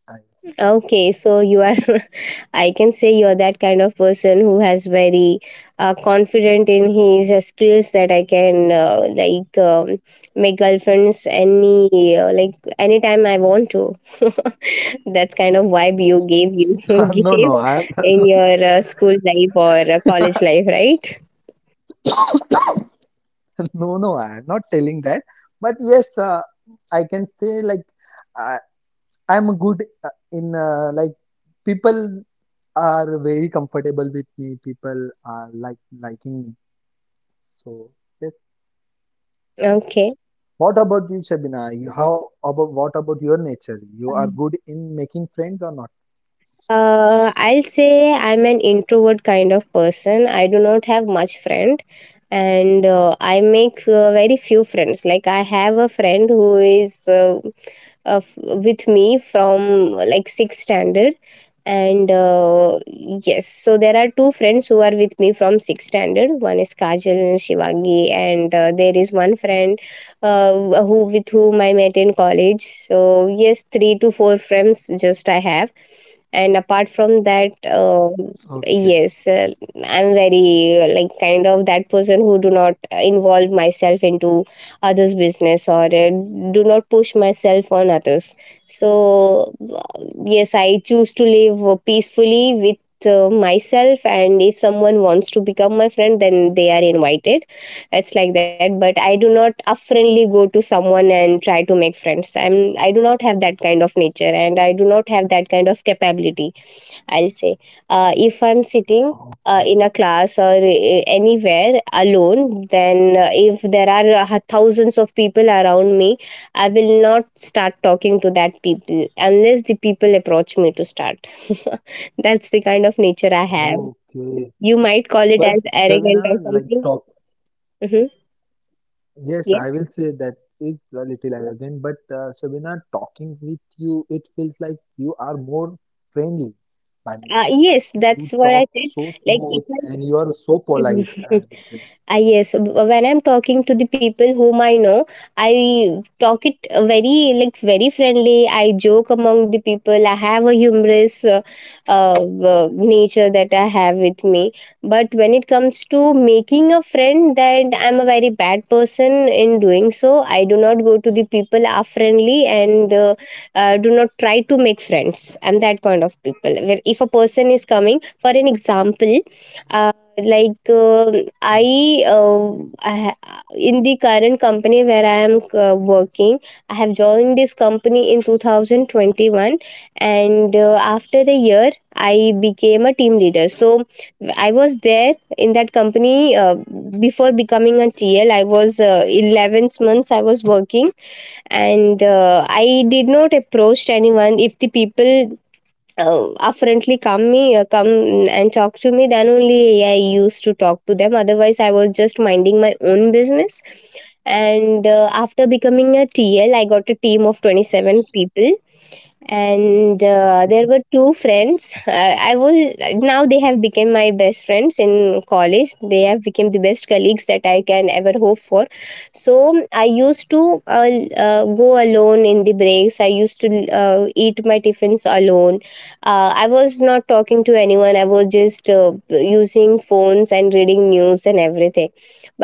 I will say. Okay, so you are, I can say you're that kind of person who has very uh, confident in his uh, skills that I can uh, like um, make girlfriends any uh, like anytime I want to. That's kind of vibe you gave you No, gave no, I am in your uh, school life or uh, college life, right? no, no, I am not telling that. But yes, uh, I can say like I, I'm good uh, in uh, like people are very comfortable with me. People are like liking me. So yes. Okay. What about you, Shabina? You, how about what about your nature? You are good in making friends or not? Uh, I'll say I'm an introvert kind of person. I do not have much friend, and uh, I make uh, very few friends. Like, I have a friend who is uh, uh, f- with me from like sixth standard, and uh, yes, so there are two friends who are with me from sixth standard. One is Kajal and Shivangi, and uh, there is one friend uh, who, with whom I met in college. So yes, three to four friends just I have, and apart from that, um, Okay, yes, uh, I'm very uh, like kind of that person who do not uh, involve myself into others business or uh, do not push myself on others. So uh, yes, I choose to live uh, peacefully with uh, myself, and if someone wants to become my friend, then they are invited. It's like that, but I do not upfriendly go to someone and try to make friends. I'm i do not have that kind of nature, and I do not have that kind of capability, I'll say. Uh, if I'm sitting uh, okay, in a class or uh, anywhere alone, then uh, if there are uh, thousands of people around me, I will not start talking to that people unless the people approach me to start. That's the kind of nature I have. okay. You might call it as But arrogant or Shabina, like something. talk. Hmm. Yes, I Yes. will say that is a little arrogant, but uh, Sabina, talking with you, it feels like you are more friendly by Uh, nature. Yes, that's You what I talk said. so Like, if smooth, and you are so polite, I, I will say. I yes, w- when I'm talking to the people whom I know, I talk it uh, very like very friendly. I joke among the people. I have a humorous uh, uh, uh, nature that I have with me. But when it comes to making a friend, that I'm a very bad person in doing so. I do not go to the people are friendly, and uh, uh, do not try to make friends. I'm that kind of people. Where if a person is coming, for an example, uh, like um Mm, i uh, I ha- in the current company where I am uh, working, I have joined this company in twenty twenty-one, and uh, after a year I became a team leader. So I was there in that company uh, before becoming a TL. I was uh, eleven months I was working, and uh, I did not approach anyone. If the people uh, affluently come me uh, come and talk to me, then only I used to talk to them. Otherwise, I was just minding my own business. And uh, after becoming a TL, I got a team of twenty-seven people, and uh, there were okay, two friends, uh, I will now they have become my best friends. In college, they have become the best colleagues that I can ever hope for. So I used to uh, l- uh, go alone in the breaks. I used to uh, eat my tiffins alone. uh, I was not talking to anyone. I was just uh, using phones and reading news and everything.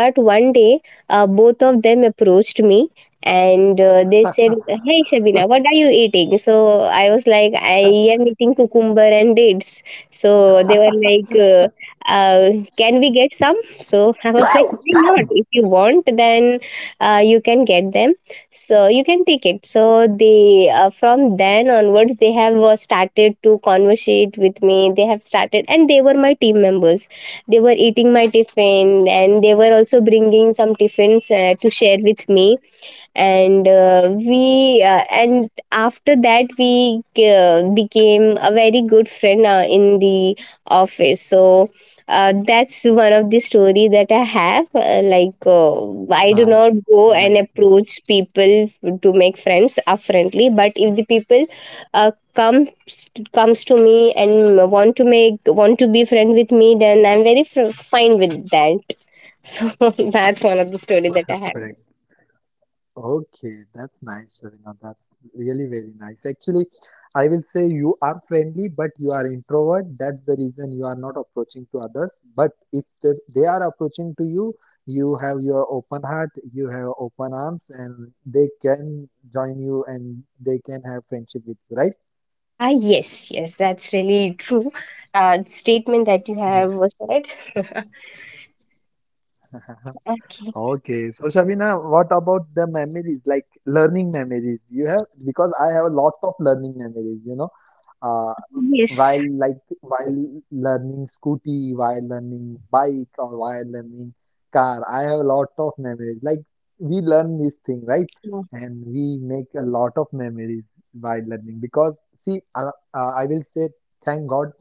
But one day, uh, both of them approached me, and uh, they said, "Hey Shabina, what are you eating?" So I was like, I am eating cucumber and dates. So they were like, uh, uh, can we get some? So I was like, why not? If you want, then uh, you can get them, so you can take it. So they, uh, from then onwards, they have uh, started to conversate with me. They have started, and they were my team members. They were eating my tiffin, and they were also bringing some tiffins uh, to share with me. And uh, we uh, and after that we uh, became a very good friend uh, in the office. So uh, that's one of the story that I have, uh, like uh, I do not nice, go and nice, approach people to make friends upfrontly, but if the people uh, comes comes to me and want to make want to be friend with me, then I'm very fr- fine with that. So that's one of the story that I have. nice. Okay, that's nice, Shavina. That's really very nice. Actually, I will say you are friendly, but you are introvert. That's the reason you are not approaching to others. But if they, they are approaching to you, you have your open heart, you have open arms, and they can join you, and they can have friendship with you, right? Ah, yes, yes, that's really true. Uh, statement that you have Yes. said. Uh-huh. Okay. So, Shabina, what about the memories, like learning memories you have? Because I have a lot of learning memories, you know. uh, Yes, while like while learning scooty, while learning bike, or while learning car. I have a lot of memories. Like we learn this thing, right? And we make a lot of memories while learning because see, uh, uh, I will say thank God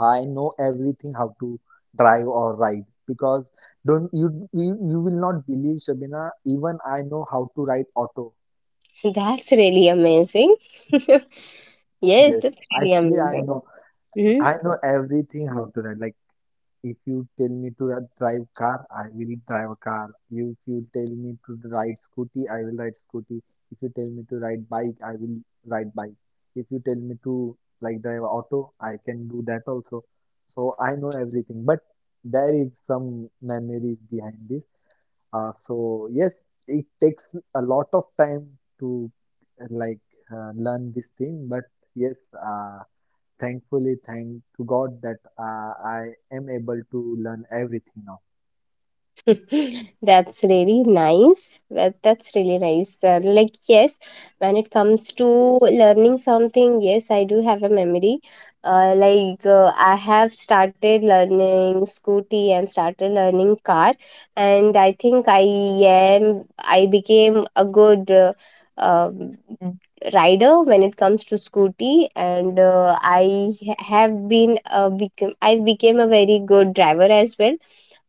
I know everything how to drive or ride because don't you you, you will not believe Shabina, even I know how to ride auto. yeah, that's really amazing. Yes, Yes, that's really actually I amazing. know Mhm. I know everything how to ride. Like if you tell me to drive car, I will drive a car. If you tell me to ride scooty, I will ride scooty. If you tell me to ride bike, I will ride bike. If you tell me to like drive auto, I can do that also. So I know everything, but there is some memories behind this. Uh, so yes, it takes a lot of time to uh, like uh, learn this thing, but yes, uh, thankfully thank to God that uh, I am able to learn everything now. That's really nice. Well, that's really nice. Uh, like, yes, when it comes to learning something, yes, I do have a memory. Uh, like, uh, I have started learning scooty and started learning car, and I think I am, I became a good. Uh, um, Rider when it comes to scooty, and uh, I have been uh, become I became a very good driver as well,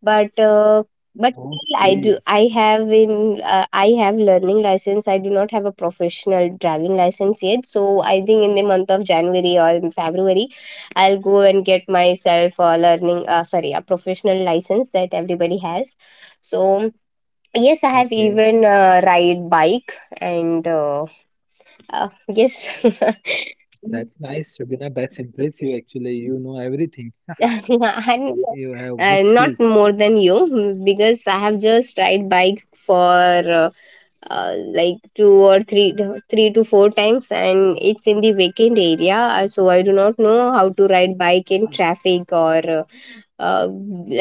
but uh, but still I do Okay, I have in uh, I have learning license. I do not have a professional driving license yet. So I think in the month of January or in February, I'll go and get myself a learning uh, sorry a professional license that everybody has. So yes, I have okay. even uh, ride bike, and uh, uh, yes. That's nice, Shabina. That's impressive actually. You know everything. You And have good uh, skills. not more than you, because I have just ride bike for uh, uh, like two or three three to four times, and it's in the vacant area. Uh, so I do not know how to ride bike in traffic or uh, uh,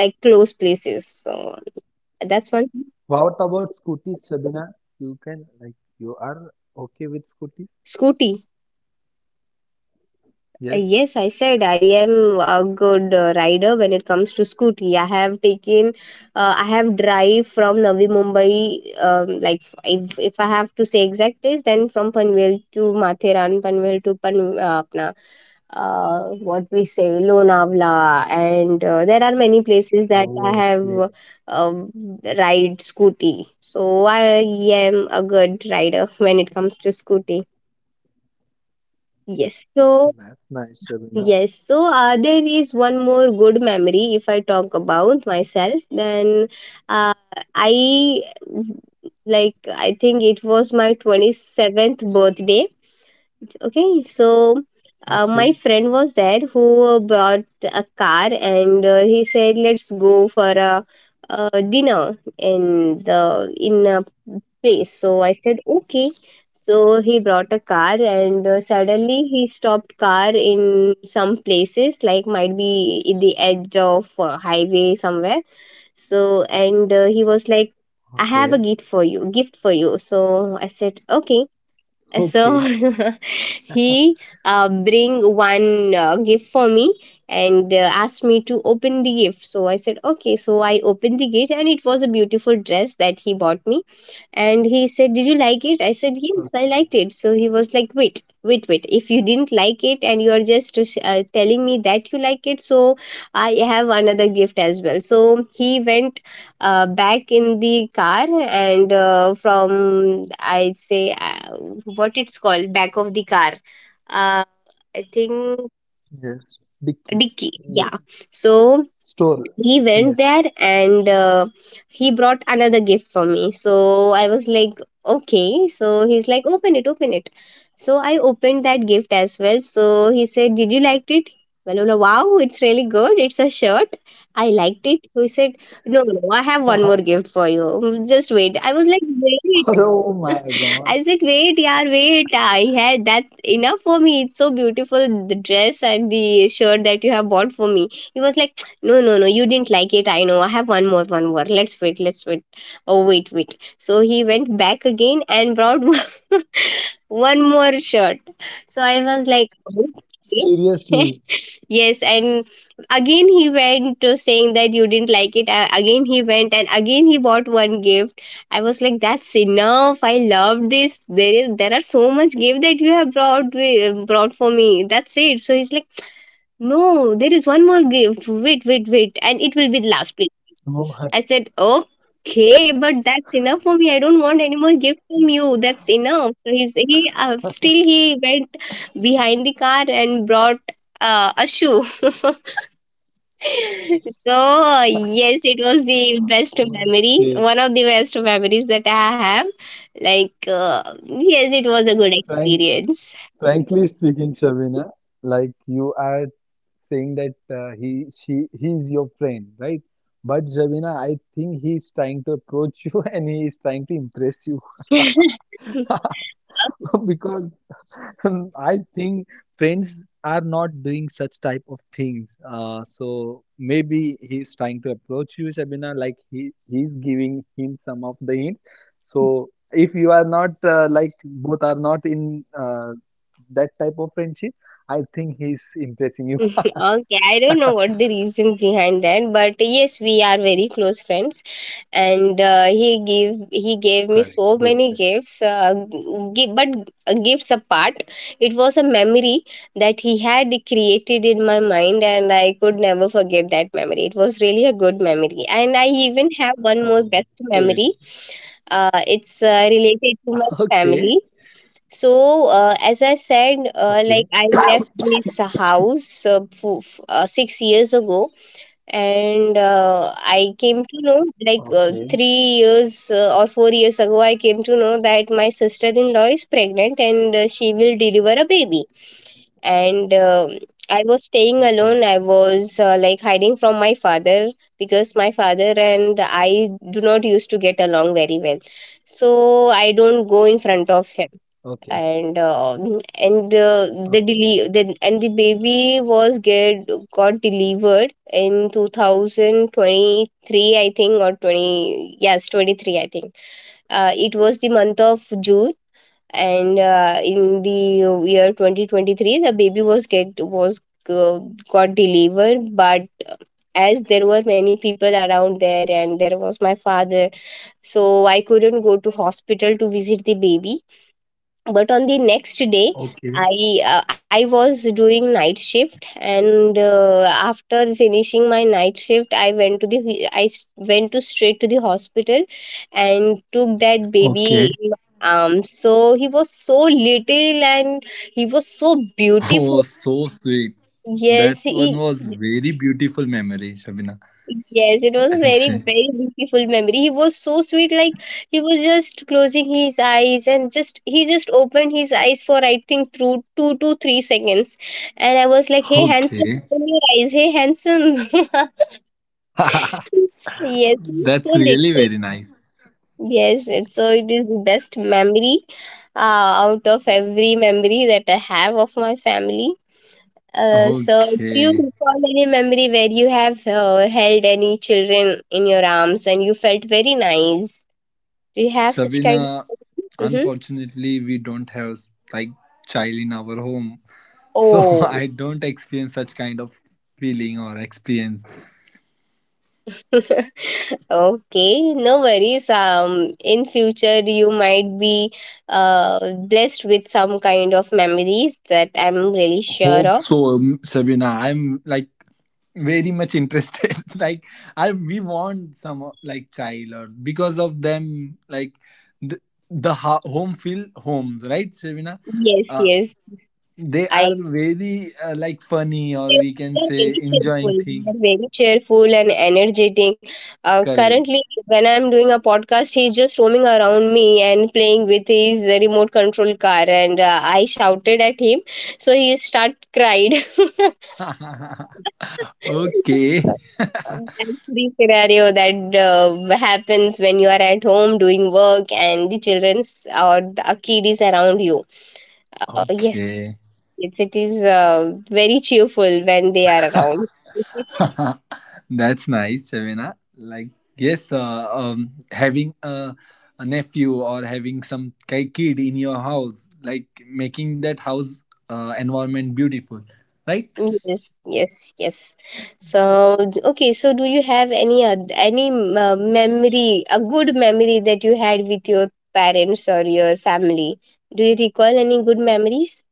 like close places. So that's one. What about scooters, Shabina? You can like You are okay with scooters? Scooty. Uh, Yes. Yes, I said I am a good uh, rider when it comes to scooty. I have taken, uh, I have drive from Navi Mumbai, um, like if, if I have to say exact place, then from Panvel to Mathiran, Panvel to Pan, uh, apna, uh, what we say, Lonavala, and uh, there are many places that I have Okay. um, ride scooty. So I am a good rider when it comes to scooty. Yes. So That's nice, Shabina. yes, so uh, there is one more good memory. If I talk about myself, Then uh, I like I think it was my twenty-seventh birthday. Okay, so uh, my Okay. friend was there who uh, bought a car, and uh, he said, "Let's go for a, a dinner in the in a place." So I said, okay. So he brought a car, and uh, suddenly he stopped car in some places, like might be in the edge of uh, highway somewhere. So and uh, he was like, "I Okay. have a gift for you, gift for you." So I said, okay. So Okay. he uh, bring one uh, gift for me and uh, asked me to open the gift. So I said, okay. So I opened the gift, and it was a beautiful dress that he bought me. And he said, "Did you like it?" I said, "Yes, I liked Okay. it." So he was like, "Wait, wait, wait, if you didn't like it and you are just uh, telling me that you like it, so I have another gift as well." So he went uh, back in the car, and uh, from I'd say uh, what it's called, back of the car, uh, I think, Yes. Dicky. Dicky. Yeah. Yes. So Store. he went Yes. there and uh, he brought another gift for me. So I was like, okay. So he's like, "Open it, open it." So I opened that gift as well. So he said, "Did you like it?" Well, I'm like, "Wow, it's really good. It's a shirt. I liked it." He said, "No, no, no, I have one more gift for you. Just wait." I was like, wait. Oh my I God. said, "Wait, yeah, wait. I had that's enough for me. It's so beautiful, the dress and the shirt that you have bought for me." He was like, "No, no, no, you didn't like it. I know. I have one more, one more. Let's wait, let's wait. Oh, wait, wait." So he went back again and brought one more shirt. So I was like, okay. Seriously. Yes, and again he went to saying that you didn't like it. Uh, Again he went, and again he bought one gift. I was like, "That's enough. I love this. There, there are so much gift that you have brought wi- brought for me. That's it." So he's like, "No, there is one more gift. Wait, wait, wait, and it will be the last, please." Oh my I said, "Okay, but that's enough for me. I don't want any more gift from you. That's enough." So he's he uh, still he went behind the car and brought uh, a shoe. So, yes, it was the best God. memories, Okay. one of the best memories that I have. Like, uh, yes, it was a good Frank, experience. Frankly speaking, Shabina, like you are saying that uh, he, she, he's your friend, right? But Shabina, I think he's trying to approach you and he is trying to impress you because I think friends are not doing such type of things. Uh, so maybe he's trying to approach you, Shabina, like he he's giving him some of the hints. So if you are not uh, like both are not in uh, that type of friendship, I think he's impressing you. Okay, I don't know what the reason behind that, but yes, we are very close friends. And uh, he gave he gave me Correct. so Good, many good. gifts uh, gi- but uh, gifts apart, it was a memory that he had created in my mind, and I could never forget that memory. It was really a good memory. And I even have one more Oh, best sweet. memory. Uh, it's uh, related to my okay, family. So uh, as I said, uh, like okay. I left this house uh, f- f- uh, six years ago. And uh, I came to know like Okay. uh, three years uh, or four years ago, I came to know that my sister-in-law is pregnant and uh, she will deliver a baby. And um I was staying okay, alone. I was uh, like hiding from my father, because my father and I do not used to get along very well, so I don't go in front of him. okay, And uh, and uh, the okay. deli- the and the baby was get got delivered in twenty twenty-three, I think, or twenty, yes, twenty-three, I think. Uh, it was the month of June. And uh, in the year twenty twenty-three, the baby was get was uh, got delivered. But as there were many people around there, and there was my father, so I couldn't go to hospital to visit the baby. But on the next day, Okay. I uh, I was doing night shift, and uh, after finishing my night shift, I went to the i s- went to straight to the hospital and took that Okay. baby in my arms. So he was so little, and he was so Oh, beautiful. so sweet. That Yes, one was he, very beautiful memory, Shabina. yes, I it will was a say. very, very beautiful memory. He was so sweet. Like, he was just closing his eyes, and just he just opened his eyes for, I think, through two to three seconds. And I was like, "Hey handsome, Okay. open your eyes, hey handsome." Yes, it's That's so really little. very nice. Yes, it's so it is the best memory uh, out of every memory that I have of my family. Uh, so, do you Okay. recall any memory where you have uh, held any children in your arms and you felt very nice? Do you have such kind Shabina, of? Hmm. unfortunately, we don't have like child in our home. So Oh. I don't experience such kind of feeling or experience. Okay, no worries. Um, in future you might be uh blessed with some kind of memories that I'm really sure Hope of. so, um, Shabina. I'm like very much interested like I we want some uh, like child or because of them like the, the ho- home feel homes, right, Shavina? Yes, uh, yes, they are I very uh, like funny, or They're we can they're say very enjoying cheerful. things. They're very cheerful and energetic. Uh, correct. currently, when I'm doing a podcast, he's just roaming around me and playing with his remote control car, and uh, I shouted at him, so he start cried. Okay. Uh, That's the scenario that uh, happens when you are at home doing work and the children's or the a kid is around you. Uh, yes, Okay. it's, it is uh, very cheerful when they are around. That's nice, Shavina. Like, yes, uh, um, having a, a nephew or having some ki- kid in your house, like making that house uh, environment beautiful, right? Yes, yes, yes. So, okay, so do you have any oth- any uh, memory, a good memory that you had with your parents or your family? Do you recall any good memories?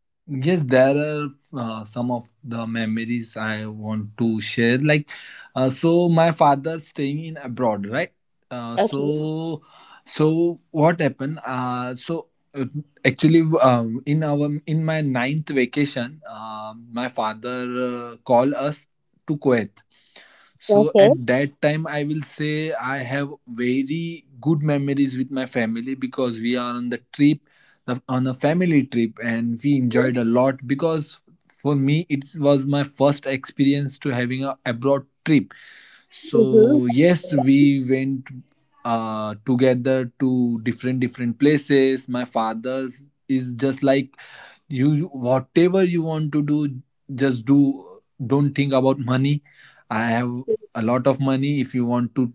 Yes, there are uh, some of the memories I want to share. Like, uh, so my father staying in abroad, right? Uh, Okay, so, so what happened? Uh, so uh, actually, um, in our in my ninth vacation, uh, my father uh, called us to Kuwait. So okay. at that time, I will say I have very good memories with my family because we are on the trip, the- on a family trip, and we enjoyed a lot because for me it was my first experience to having a abroad trip. Mhm. So yes, we went uh, together to different different places. My father's is just like, you whatever you want to do, just do, don't think about money, I have a lot of money. If you want to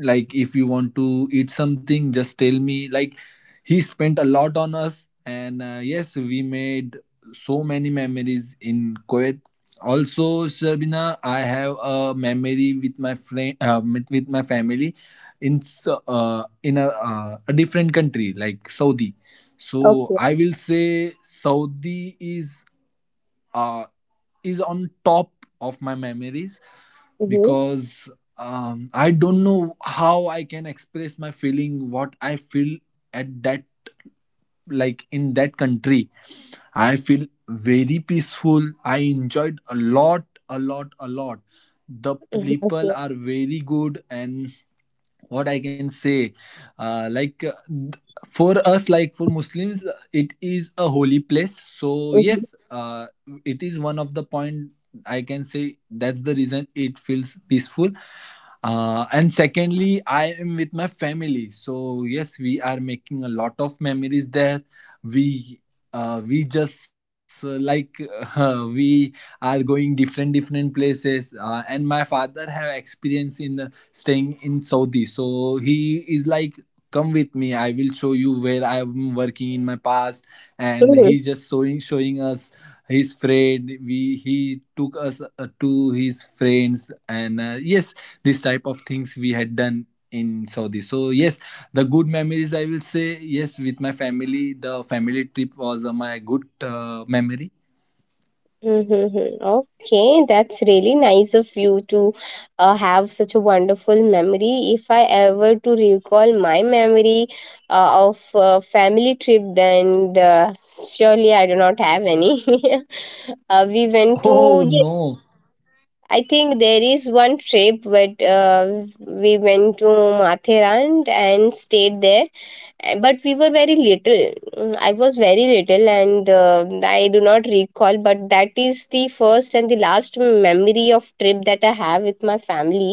like if you want to eat something, just tell me. Like, he spent a lot on us, and uh, yes, we made so many memories in Kuwait. Also, Sharbina, I have a memory with my friend uh, with with my family in s- uh, in a, uh, a different country like Saudi. So Okay. I will say Saudi is uh, is on top of my memories Mhm. because um, I don't know how I can express my feeling, what I feel at that, like in that country. I feel very peaceful. I enjoyed a lot, a lot, a lot. The Mhm. people Okay. are very good, and what I can say, uh, like uh, th- for us like for Muslims, uh, it is a holy place. So Mhm. yes, uh, it is one of the point, I can say, that's the reason it feels peaceful. Uh, and secondly, I am with my family, so yes, we are making a lot of memories there. we uh, we just uh, like uh, we are going different different places. Uh, and my father have experience in the staying in Saudi. So he is like, "Come with me. I will show you where I'm working in my past." And Mhm. he just showing showing us his friend. We He took us uh, to his friends, and uh, yes, this type of things we had done in Saudi. So yes, the good memories I will say yes with my family. The family trip was uh, my good uh, memory. Mhm. Okay, that's really nice of you to uh, have such a wonderful memory. If I ever to recall my memory uh, of uh, family trip, then the, surely I do not have any. uh, we went to, Oh yes, no. I think there is one trip, but uh, we went to Mathurand and stayed there. Uh, but we were very little. Mm, I was very little, and uh, I do not recall, but that is the first and the last memory of trip that I have with my family.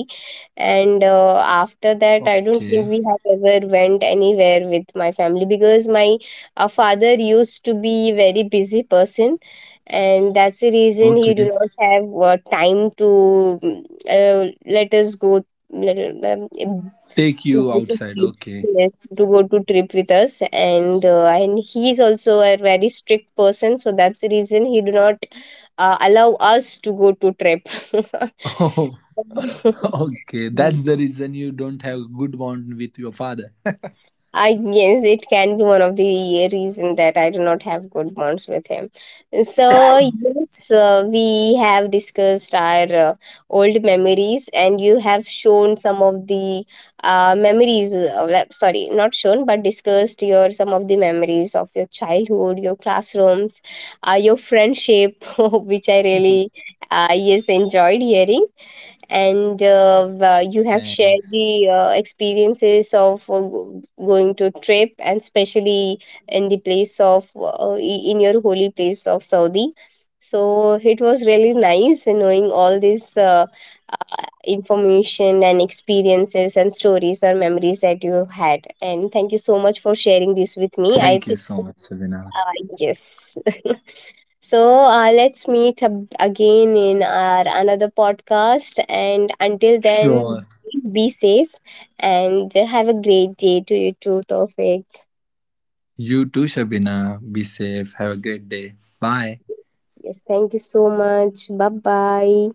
And uh, after that, I don't think Okay. we have ever went anywhere with my family, because my uh, father used to be very busy person, and that's the reason he do Okay. not have uh, time to mm, uh, let us go, let, um, Take to you go to outside. trip, Okay. yes, to go to trip with us. And uh, and he's also a very strict person, so that's the reason he do not uh, allow us to go to trip. Oh, okay. That's the reason you don't have good bond with your father. I guess it can be one of the reason that I do not have good bonds with him. So yes, uh, we have discussed our uh, old memories, and you have shown some of the uh, memories. Uh, le- sorry, not shown, but discussed your some of the memories of your childhood, your classrooms, uh, your friendship, which I really uh, yes enjoyed hearing. And uh, wa- you have shared the Thanks. uh, experiences of uh, go- going to trip, and especially in the place of uh, i- in your holy place of Saudi. So it was really nice knowing all this uh, uh, information and experiences and stories or memories that you had. And thank you so much for sharing this with me. I Thank you think so much, Shabina. uh, yes. So uh, let's meet up again in our another podcast. And until then, Sure. be safe and have a great day to you too, Tofik. You too, Shabina. Be safe. Have a great day. Bye. Yes, thank you so much. Bye bye.